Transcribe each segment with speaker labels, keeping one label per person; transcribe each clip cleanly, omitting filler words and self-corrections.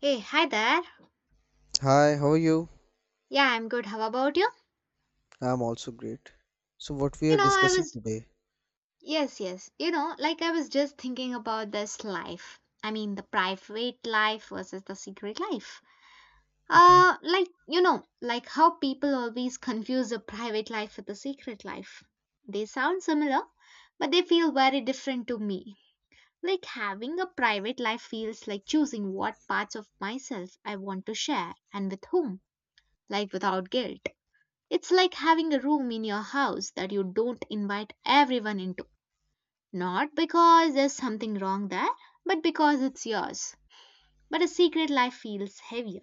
Speaker 1: Hey, hi there.
Speaker 2: Hi, how are you?
Speaker 1: Yeah, I'm good. How about you?
Speaker 2: I'm also great. So, what we
Speaker 1: You
Speaker 2: are
Speaker 1: know, I
Speaker 2: discussing
Speaker 1: was,
Speaker 2: today,
Speaker 1: yes, yes. You know, like I was just thinking about this life. I mean, the private life versus the secret life.
Speaker 2: okay?
Speaker 1: How people always confuse the private life with the secret life. They sound similar, but they feel very different to me. Like having a private life feels like choosing what parts of myself I want to share and with whom, like without guilt. It's like having a room in your house that you don't invite everyone into. Not because there's something wrong there, but because it's yours. But a secret life feels heavier.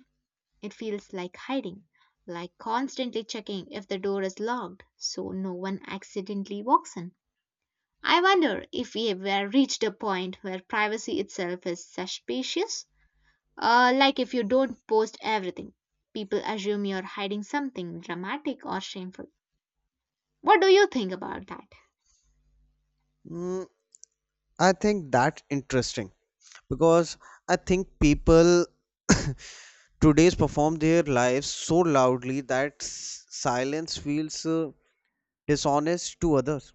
Speaker 1: It feels like hiding, like constantly checking if the door is locked so no one accidentally walks in. I wonder if we have ever reached a point where privacy itself is suspicious. Like if you don't post everything, people assume you're hiding something dramatic or shameful. What do you think about that?
Speaker 2: Mm, I think that interesting because I think people today's perform their lives so loudly that silence feels dishonest to others.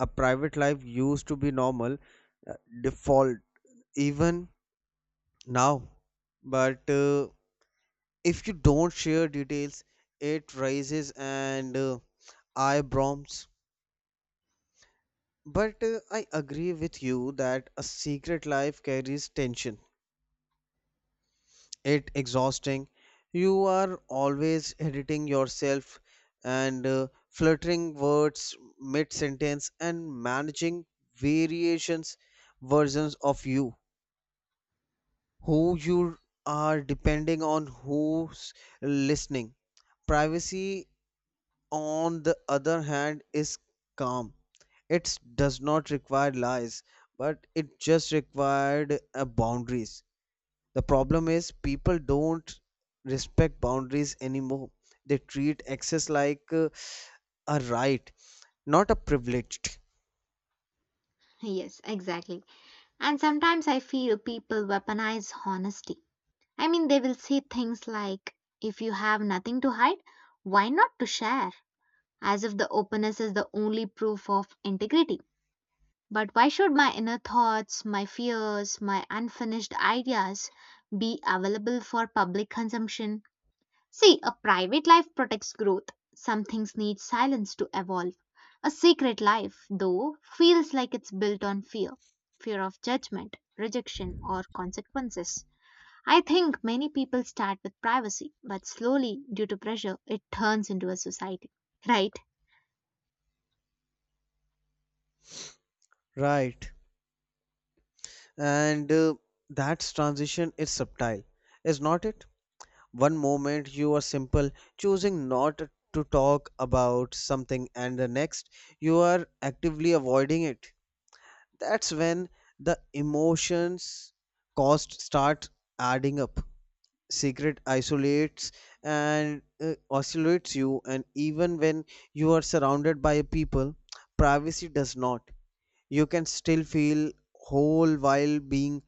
Speaker 2: A private life used to be normal, uh, default, even now. But if you don't share details, it raises and eyebrows. But I agree with you that a secret life carries tension. It exhausting. You are always editing yourself and fluttering words mid sentence and managing variations versions of you who you are depending on who's listening. Privacy on the other hand, is calm. It does not require lies, but it just required boundaries. The problem is people don't respect boundaries anymore. They treat access like a right, not a privileged
Speaker 1: Yes, exactly. And sometimes I feel people weaponize honesty. I mean, they will say things like, if you have nothing to hide, why not to share? As if the openness is the only proof of integrity. But why should my inner thoughts, my fears, my unfinished ideas be available for public consumption? See, a private life protects growth. Some things need silence to evolve. A secret life, though, feels like it's built on fear, fear of judgment, rejection, or consequences. I think many people start with privacy, but slowly, due to pressure, it turns into a society. Right?
Speaker 2: right. And that transition is subtle, is not it? One moment you are simple, choosing not to talk about something, and the next you are actively avoiding it. That's when the emotions cost start adding up. Secret isolates and oscillates you, and even when you are surrounded by people, privacy does not. You can still feel whole while being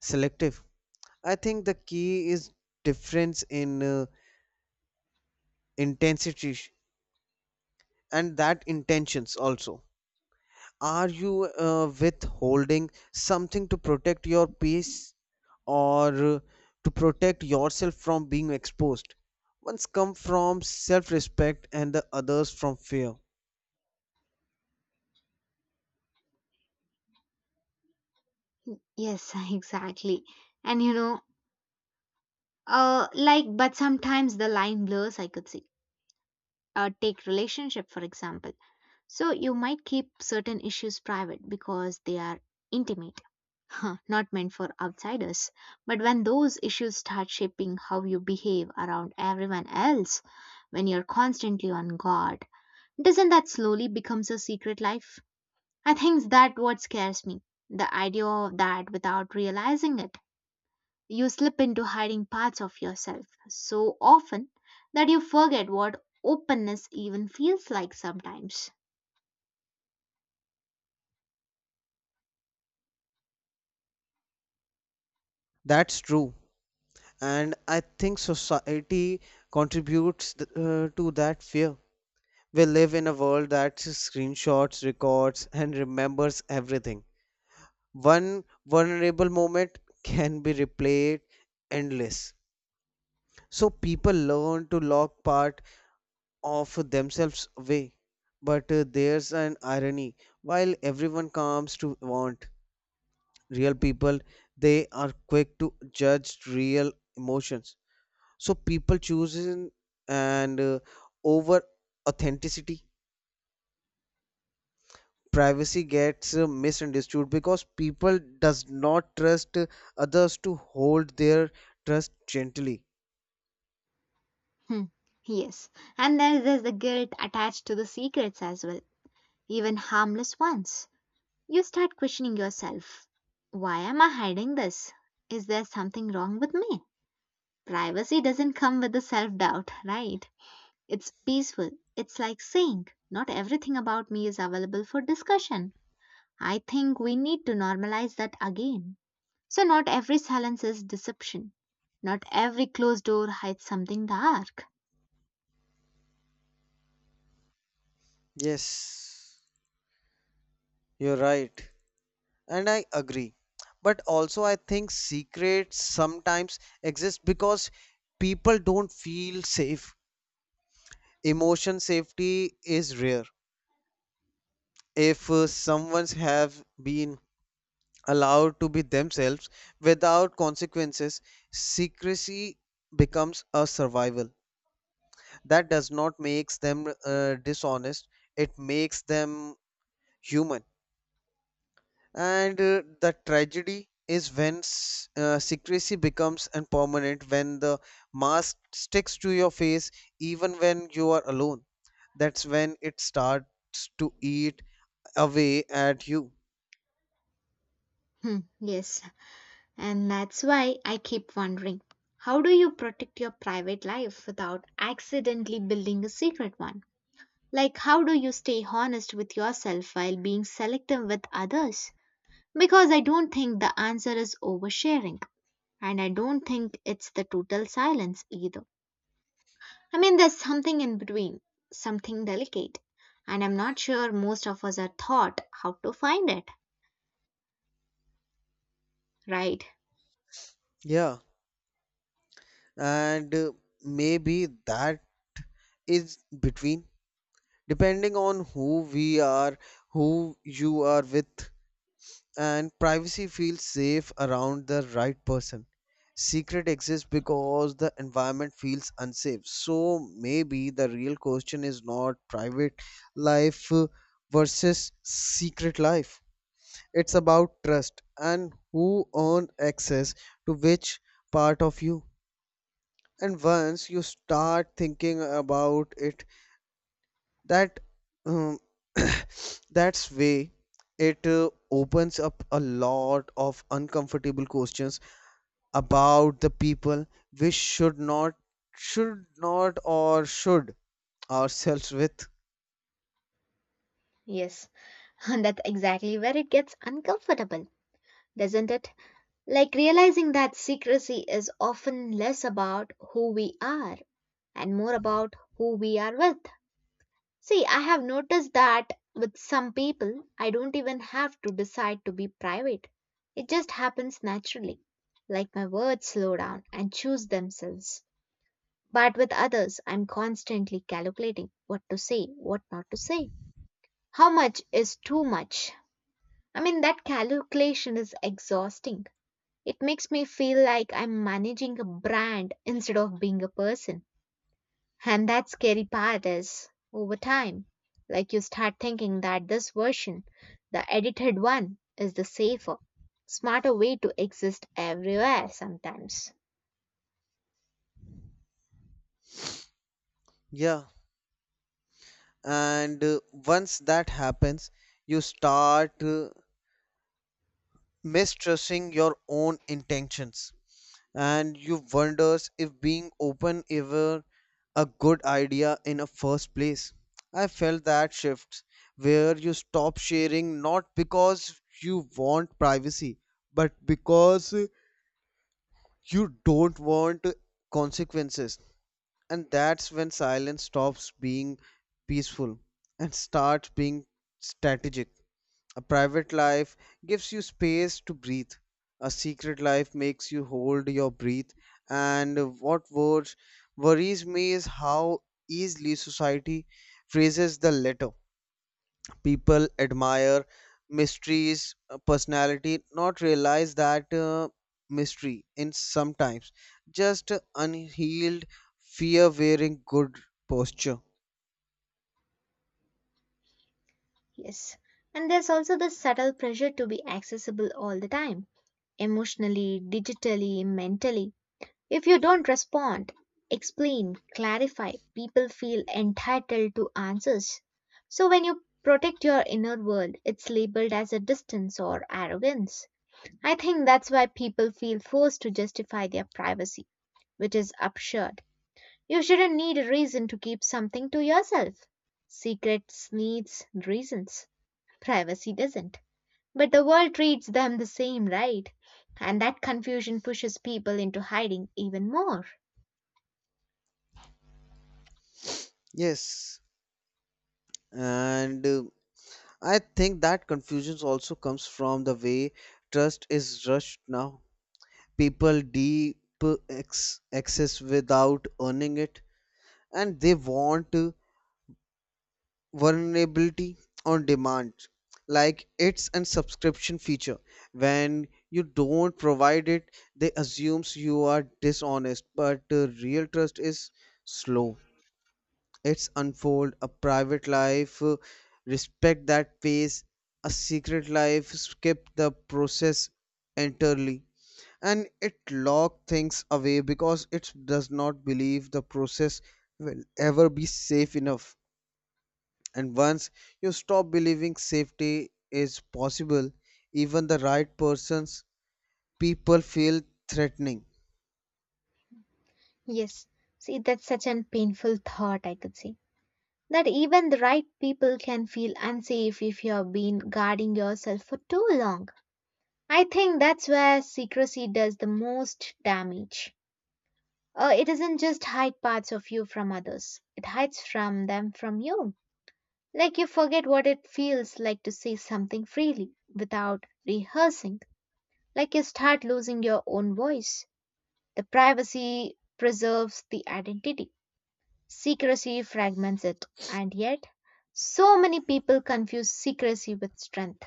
Speaker 2: selective. I think the key is difference in intensity and that intentions also, are you withholding something to protect your peace or to protect yourself from being exposed? One's come from self-respect and the others from fear.
Speaker 1: Yes, exactly. And you know, like, But sometimes the line blurs, I could see. Take relationship, for example. So you might keep certain issues private because they are intimate, not meant for outsiders. But when those issues start shaping how you behave around everyone else, when you're constantly on guard, doesn't that slowly becomes a secret life? I think that what scares me. The idea of that without realizing it, you slip into hiding parts of yourself so often that you forget what openness even feels like sometimes.
Speaker 2: That's true, and I think society contributes to that fear. We live in a world that screenshots, records and remembers everything. One vulnerable moment can be replayed endless, so people learn to lock part of themselves away. But there's an irony: while everyone comes to want real people, they are quick to judge real emotions. So people choosing and over authenticity, privacy gets misunderstood because people does not trust others to hold their trust gently.
Speaker 1: Hmm, yes, and there is the guilt attached to the secrets as well, even harmless ones. You start questioning yourself, why am I hiding this? Is there something wrong with me? Privacy doesn't come with the self doubt, right? It's peaceful. It's like saying, not everything about me is available for discussion. I think we need to normalize that again. So, not every silence is deception. Not every closed door hides something dark.
Speaker 2: Yes, you're right. And I agree, but also I think secrets sometimes exist because people don't feel safe. Emotion safety is rare. If someone's have been allowed to be themselves without consequences, secrecy becomes a survival. That does not makes them dishonest, it makes them human. And the tragedy is when secrecy becomes impermanent, when the mask sticks to your face even when you are alone. That's when it starts to eat away at you.
Speaker 1: Hmm, yes. And that's why I keep wondering, how do you protect your private life without accidentally building a secret one? Like, how do you stay honest with yourself while being selective with others? Because I don't think the answer is oversharing, and I don't think it's the total silence either. I mean, there's something in between, something delicate, and I'm not sure most of us are taught how to find it, right?
Speaker 2: Yeah, and maybe that is between depending on who we are, who you are with. And privacy feels safe around the right person. Secret exists because the environment feels unsafe. So maybe the real question is not private life versus secret life. It's about trust and who own access to which part of you. And once you start thinking about it that um, that's way it opens up a lot of uncomfortable questions about the people we should not or should ourselves with.
Speaker 1: Yes, and that's exactly where it gets uncomfortable, doesn't it? Like realizing that secrecy is often less about who we are and more about who we are with. See, I have noticed that with some people, I don't even have to decide to be private. It just happens naturally. Like my words slow down and choose themselves. But with others, I'm constantly calculating what to say, what not to say. How much is too much? I mean, that calculation is exhausting. It makes me feel like I'm managing a brand instead of being a person. And that scary part is over time, like you start thinking that this version, the edited one, is the safer, smarter way to exist everywhere sometimes.
Speaker 2: Yeah, and once that happens, you start mistrusting your own intentions, and you wonders if being open ever a good idea in a first place. I felt that shift where you stop sharing, not because you want privacy but because you don't want consequences. And that's when silence stops being peaceful and starts being strategic. A private life gives you space to breathe. A secret life makes you hold your breath. And what worries me is how easily society phrases the latter. People admire mysteries, personality, not realize that mystery in sometimes just unhealed fear wearing good posture.
Speaker 1: Yes. And there's also this subtle pressure to be accessible all the time, emotionally, digitally, mentally. If you don't respond, explain, clarify, people feel entitled to answers. So when you protect your inner world, it's labeled as a distance or arrogance. I think that's why people feel forced to justify their privacy, which is absurd. You shouldn't need a reason to keep something to yourself. Secrets needs reasons. Privacy doesn't. But the world treats them the same, right? And that confusion pushes people into hiding even more.
Speaker 2: Yes, and I think that confusion also comes from the way trust is rushed now. People deep access without earning it, and they want vulnerability on demand, like it's a subscription feature. When you don't provide it, they assumes you are dishonest. But real trust is slow. It's unfold a private life, respect that pace. A secret life, skip the process entirely. And it lock things away because it does not believe the process will ever be safe enough. And once you stop believing safety is possible, even the right persons, people feel threatening.
Speaker 1: Yes. See, that's such a painful thought, I could say. That even the right people can feel unsafe if you have been guarding yourself for too long. I think that's where secrecy does the most damage. It doesn't just hide parts of you from others, it hides from them from you. Like you forget what it feels like to say something freely without rehearsing. Like you start losing your own voice. The privacy preserves the identity. Secrecy fragments it, and yet, so many people confuse secrecy with strength,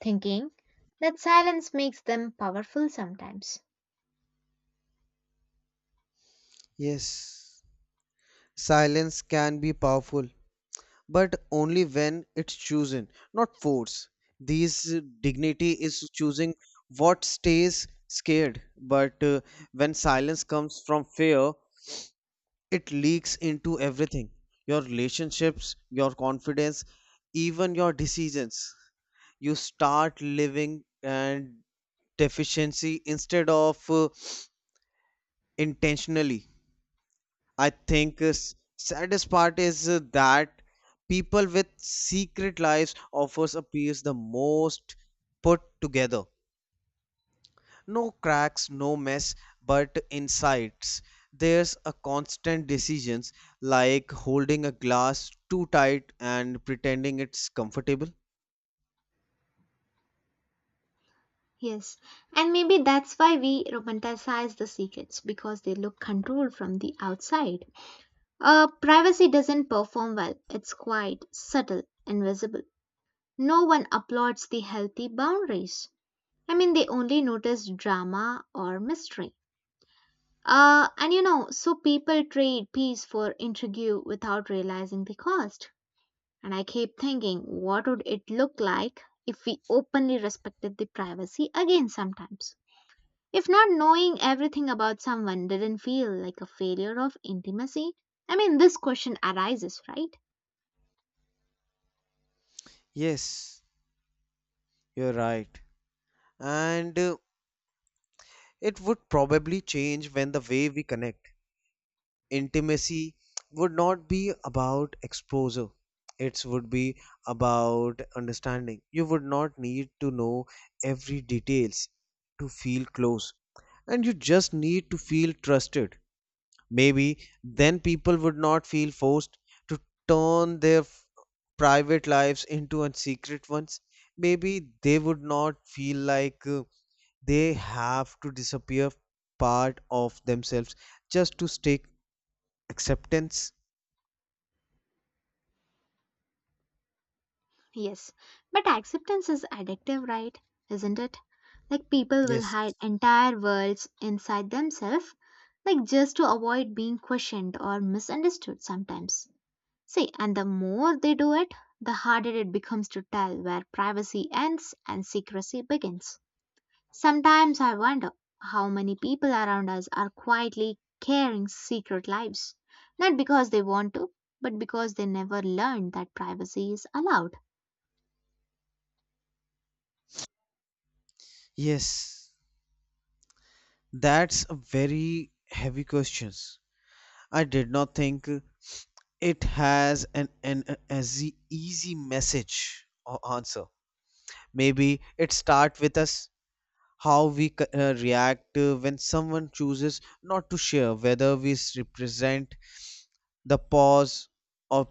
Speaker 1: thinking that silence makes them powerful sometimes.
Speaker 2: Yes, silence can be powerful but only when it's chosen, not forced. These dignity is choosing what stays scared, but when silence comes from fear, it leaks into everything: your relationships, your confidence, even your decisions. You start living and deficiency instead of intentionally. I think saddest part is that people with secret lives offers appears the most put together. No cracks, no mess, but insights. There's a constant decisions like holding a glass too tight and pretending it's comfortable.
Speaker 1: Yes, and maybe that's why we romanticize the secrets because they look controlled from the outside. Privacy doesn't perform well, it's quiet, subtle, invisible. No one applauds the healthy boundaries. I mean, they only notice drama or mystery. So people trade peace for intrigue without realizing the cost. And I keep thinking, what would it look like if we openly respected the privacy again sometimes? If not knowing everything about someone didn't feel like a failure of intimacy? I mean, this question arises, right?
Speaker 2: Yes, you're right. And it would probably change when the way we connect. Intimacy would not be about exposure, it would be about understanding. You would not need to know every details to feel close, and you just need to feel trusted. Maybe then people would not feel forced to turn their private lives into a secret ones. Maybe they would not feel like they have to disappear part of themselves just to stay acceptance.
Speaker 1: Yes, but acceptance is addictive, right? Isn't it? Like people will
Speaker 2: Yes,
Speaker 1: hide entire worlds inside themselves, like just to avoid being questioned or misunderstood sometimes. See, and the more they do it, the harder it becomes to tell where privacy ends and secrecy begins. Sometimes I wonder how many people around us are quietly carrying secret lives, not because they want to, but because they never learned that privacy is allowed.
Speaker 2: yes, that's a very heavy questions. I did not think it has easy message or answer. Maybe it start with us, how we react when someone chooses not to share, whether we represent the pause or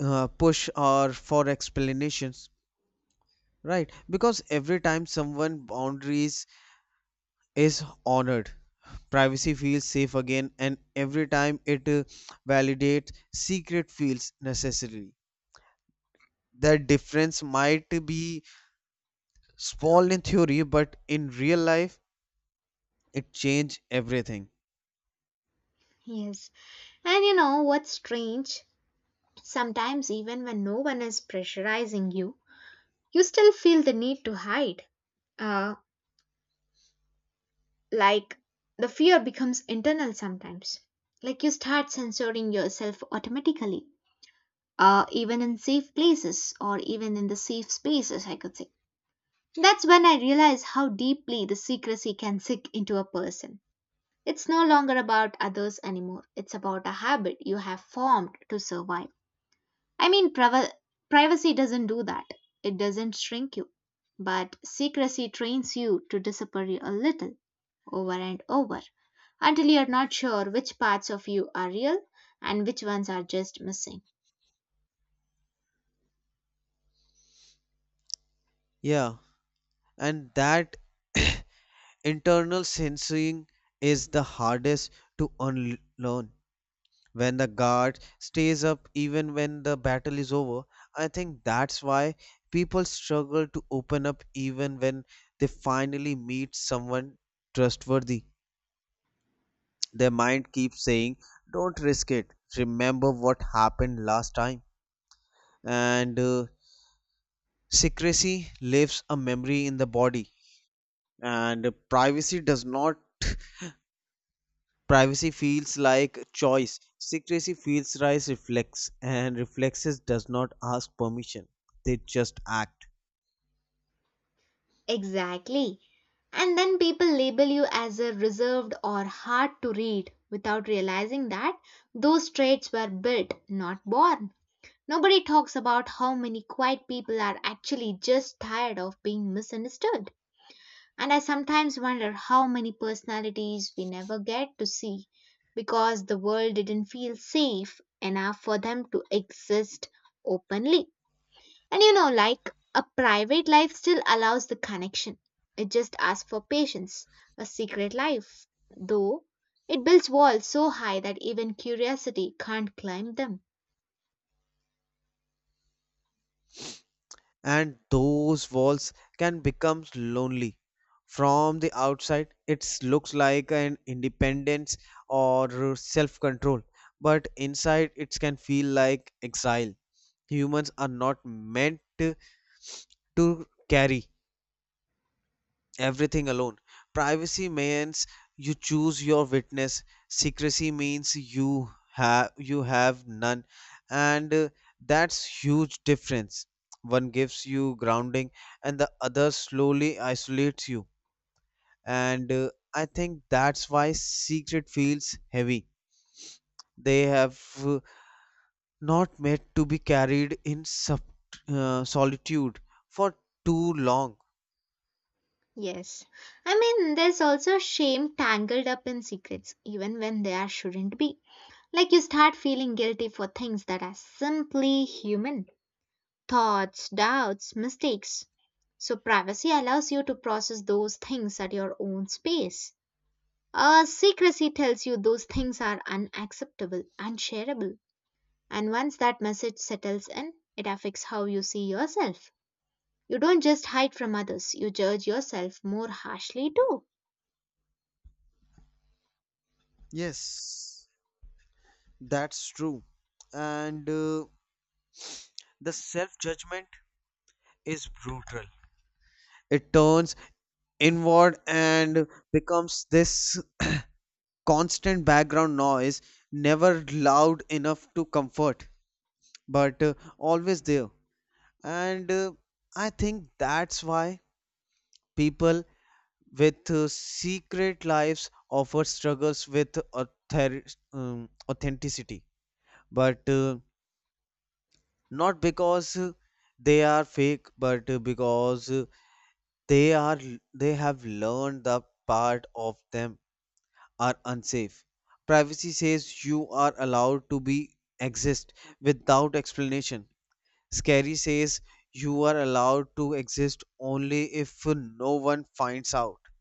Speaker 2: push or for explanations, right? Because every time someone boundaries is honored, privacy feels safe again, and every time it validates secret feels necessary. That difference might be small in theory but in real life it changes everything.
Speaker 1: Yes. And you know what's strange? Sometimes, even when no one is pressurizing you, you still feel the need to hide. Uh, like the fear becomes internal sometimes. Like you start censoring yourself automatically, even in safe places or even in the safe spaces, I could say. That's when I realize how deeply the secrecy can sink into a person. It's no longer about others anymore, it's about a habit you have formed to survive. I mean, privacy doesn't do that. It doesn't shrink you. But secrecy trains you to disappear a little, over and over, until you're not sure which parts of you are real and which ones are just missing.
Speaker 2: Yeah, and that internal censoring is the hardest to unlearn, when the guard stays up even when the battle is over. I think that's why people struggle to open up even when they finally meet someone trustworthy. Their mind keeps saying, "Don't risk it. Remember what happened last time." And secrecy leaves a memory in the body, and privacy does not. Privacy feels like choice, secrecy feels like reflex, and reflexes does not ask permission, they just act.
Speaker 1: Exactly. And then people label you as a reserved or hard to read without realizing that those traits were built, not born. Nobody talks about how many quiet people are actually just tired of being misunderstood. And I sometimes wonder how many personalities we never get to see because the world didn't feel safe enough for them to exist openly. And you know, like a private life still allows the connection, it just asks for patience. A secret life, though, it builds walls so high that even curiosity can't climb them.
Speaker 2: And those walls can become lonely. From the outside it looks like an independence or self control, but inside it can feel like exile. Humans are not meant to carry everything alone. Privacy means you choose your witness. Secrecy means you have none, and that's huge difference. One gives you grounding, and the other slowly isolates you. And I think that's why secret feels heavy. They have not meant to be carried in solitude for too long.
Speaker 1: Yes. I mean, there's also shame tangled up in secrets, even when there shouldn't be. Like you start feeling guilty for things that are simply human, thoughts, doubts, mistakes. So, privacy allows you to process those things at your own space. Secrecy tells you those things are unacceptable, unshareable. And once that message settles in, it affects how you see yourself. You don't just hide from others, you judge yourself more harshly too.
Speaker 2: Yes. That's true. And the self judgment is brutal. It turns inward and becomes this constant background noise, never loud enough to comfort, but always there. And I think that's why people with secret lives offer struggles with authenticity. But not because they are fake, but because they are they have learned the part of them are unsafe. Privacy says you are allowed to be exist without explanation. Scary says you are allowed to exist only if no one finds out.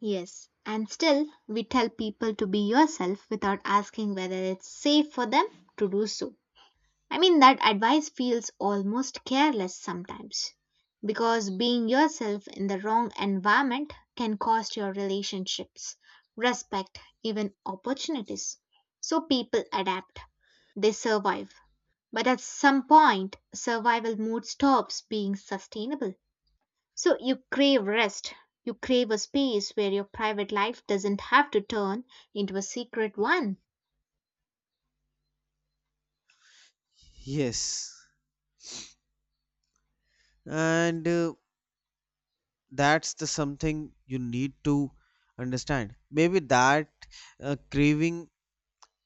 Speaker 1: Yes, and still we tell people to be yourself without asking whether it's safe for them to do so. I mean, that advice feels almost careless sometimes because being yourself in the wrong environment can cost your relationships, respect, even opportunities. So people adapt, they survive. But at some point, survival mode stops being sustainable. So you crave rest. You crave a space where your private life doesn't have to turn into a secret one.
Speaker 2: Yes, and that's the something you need to understand. Maybe that craving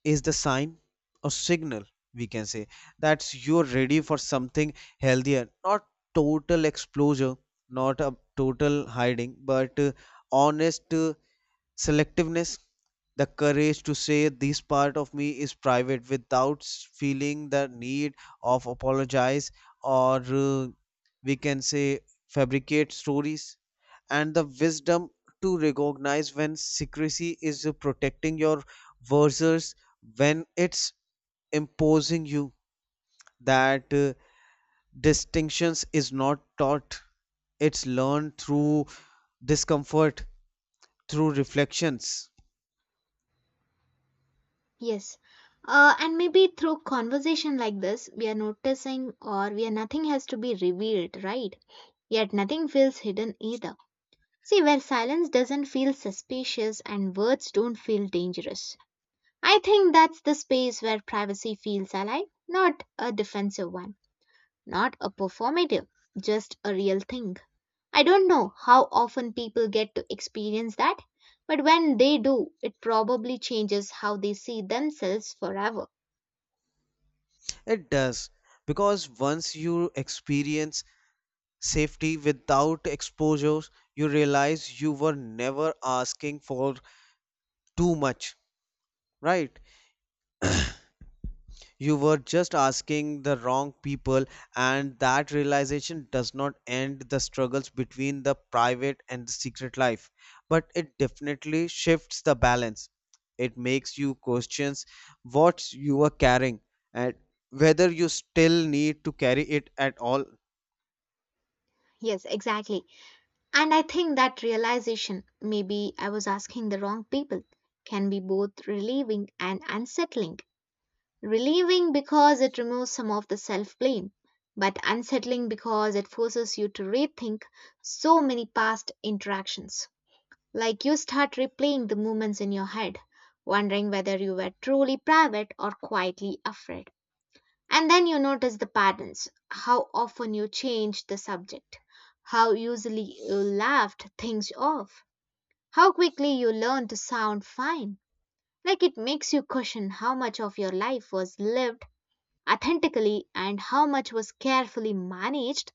Speaker 2: is the sign or signal, we can say, that you're ready for something healthier. Not total exposure, not a total hiding, but honest selectiveness, the courage to say this part of me is private without feeling the need of apologize or we can say fabricate stories, and the wisdom to recognize when secrecy is protecting your versus when it's imposing you. That distinctions is not taught, it's learned through discomfort, through reflections.
Speaker 1: Yes. And maybe through conversation like this, we are noticing or where nothing has to be revealed, right? Yet nothing feels hidden either. See, where silence doesn't feel suspicious and words don't feel dangerous. I think that's the space where privacy feels alive, not a defensive one. Not a performative, just a real thing. I don't know how often people get to experience that, but when they do, it probably changes how they see themselves forever.
Speaker 2: It does, because once you experience safety without exposures, you realize you were never asking for too much, right? You were just asking the wrong people, and that realization does not end the struggles between the private and the secret life, but it definitely shifts the balance. It makes you questions what you are carrying and whether you still need to carry it at all.
Speaker 1: Yes, exactly. And I think that realization, maybe I was asking the wrong people, can be both relieving and unsettling. Relieving because it removes some of the self blame, but unsettling because it forces you to rethink so many past interactions. Like you start replaying the moments in your head, wondering whether you were truly private or quietly afraid. And then you notice the patterns, how often you changed the subject, how easily you laughed things off, how quickly you learned to sound fine. Like it makes you question how much of your life was lived authentically and how much was carefully managed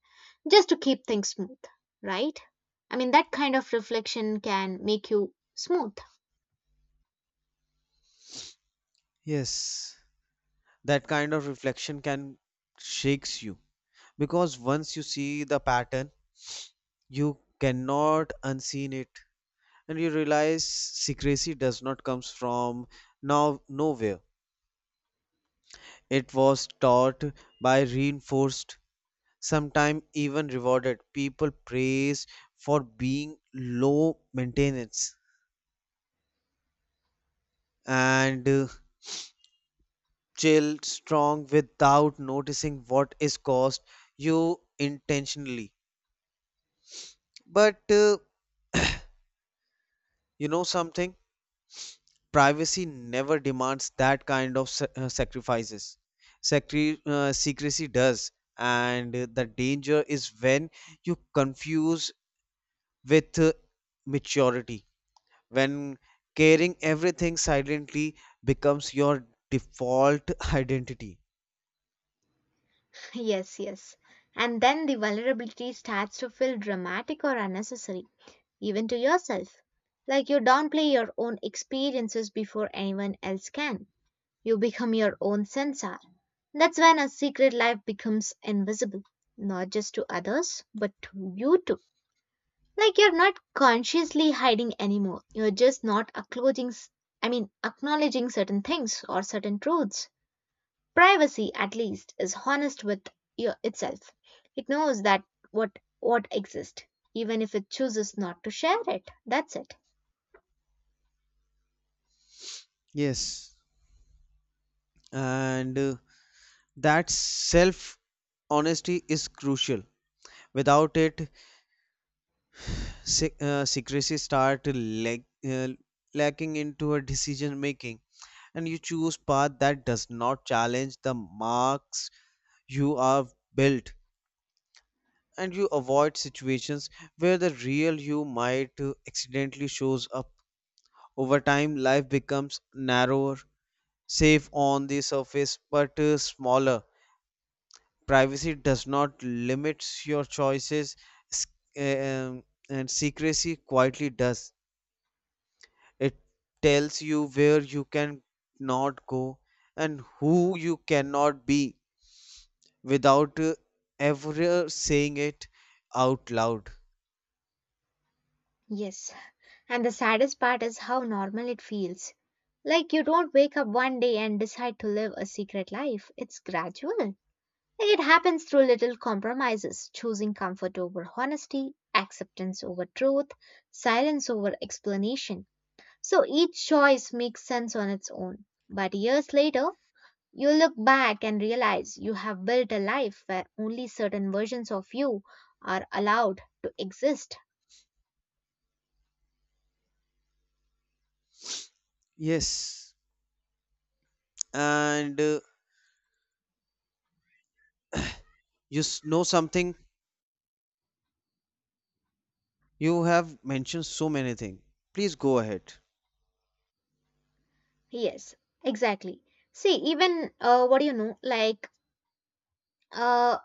Speaker 1: just to keep things smooth, right? I mean, that kind of reflection can make you smooth.
Speaker 2: Yes, that kind of reflection can shakes you because once you see the pattern, you cannot unseen it, and you realize secrecy does not comes from nowhere. It was taught by reinforced, sometimes even rewarded. People praise for being low maintenance and chill, strong, without noticing what is caused you intentionally. But you know something? Privacy never demands that kind of sacrifices. Secrecy does, and the danger is when you confuse with maturity. When carrying everything silently becomes your default identity.
Speaker 1: Yes, yes. And then the vulnerability starts to feel dramatic or unnecessary, even to yourself. Like you downplay your own experiences before anyone else can. You become your own censor. That's when a secret life becomes invisible, not just to others, but to you too. Like you're not consciously hiding anymore. You're just not acknowledging, I mean, acknowledging certain things or certain truths. Privacy, at least, is honest with itself. It knows that what exists, even if it chooses not to share it. That's it.
Speaker 2: Yes, and that self honesty is crucial. Without it, secrecy start lag- uh, lacking into a decision making, and you choose path that does not challenge the marks you are built, and you avoid situations where the real you might accidentally shows up. Over time life becomes narrower, safe on the surface but smaller. Privacy does not limit your choices, s- uh, um, and secrecy quietly does. It tells you where you can not go and who you cannot be without ever saying it out loud.
Speaker 1: Yes. And the saddest part is how normal it feels. Like you don't wake up one day and decide to live a secret life. It's gradual. Like it happens through little compromises, choosing comfort over honesty, acceptance over truth, silence over explanation. So each choice makes sense on its own. But years later, you look back and realize you have built a life where only certain versions of you are allowed to exist.
Speaker 2: Yes, and you know something? You have mentioned so many things. Please go ahead.
Speaker 1: Yes, exactly. See, even what do you know? Uh,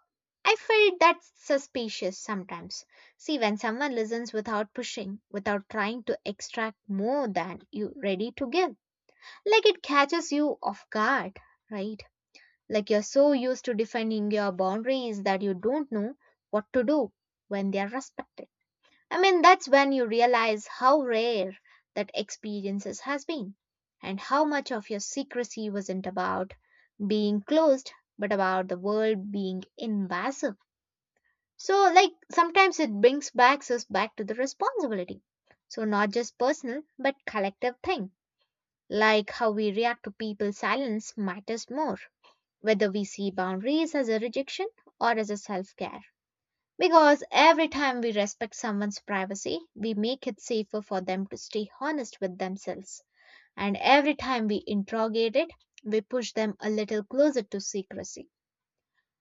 Speaker 1: I felt that suspicious sometimes. See, when someone listens without pushing, without trying to extract more than you ready to give, like it catches you off guard, right? Like you're so used to defending your boundaries that you don't know what to do when they are respected. I mean, that's when you realize how rare that experiences has been and how much of your secrecy wasn't about being closed but about the world being invasive. So like sometimes it brings back us back to the responsibility. So not just personal but collective thing. Like how we react to people's silence matters more, whether we see boundaries as a rejection or as a self-care. Because every time we respect someone's privacy, we make it safer for them to stay honest with themselves. And every time we interrogate it, we push them a little closer to secrecy.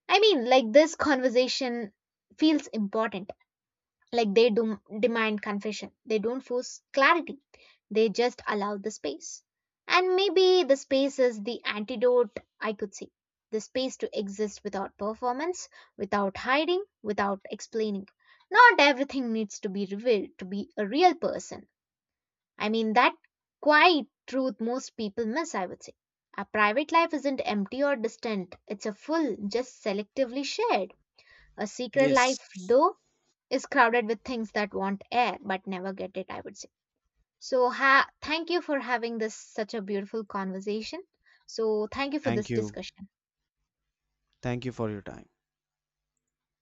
Speaker 1: I mean, like this conversation feels important, like they do demand confession. They don't force clarity. They just allow the space. And maybe the space is the antidote, I could say. The space to exist without performance, without hiding, without explaining. Not everything needs to be revealed to be a real person. I mean, that quiet truth most people miss, I would say. A private life isn't empty or distant, it's a full, just selectively shared. A secret
Speaker 2: Yes.
Speaker 1: life, though, is crowded with things that want air but never get it, I would say. Thank you for having this such a beautiful conversation, so thank you for
Speaker 2: Thank
Speaker 1: this
Speaker 2: you.
Speaker 1: discussion.
Speaker 2: Thank you for your time.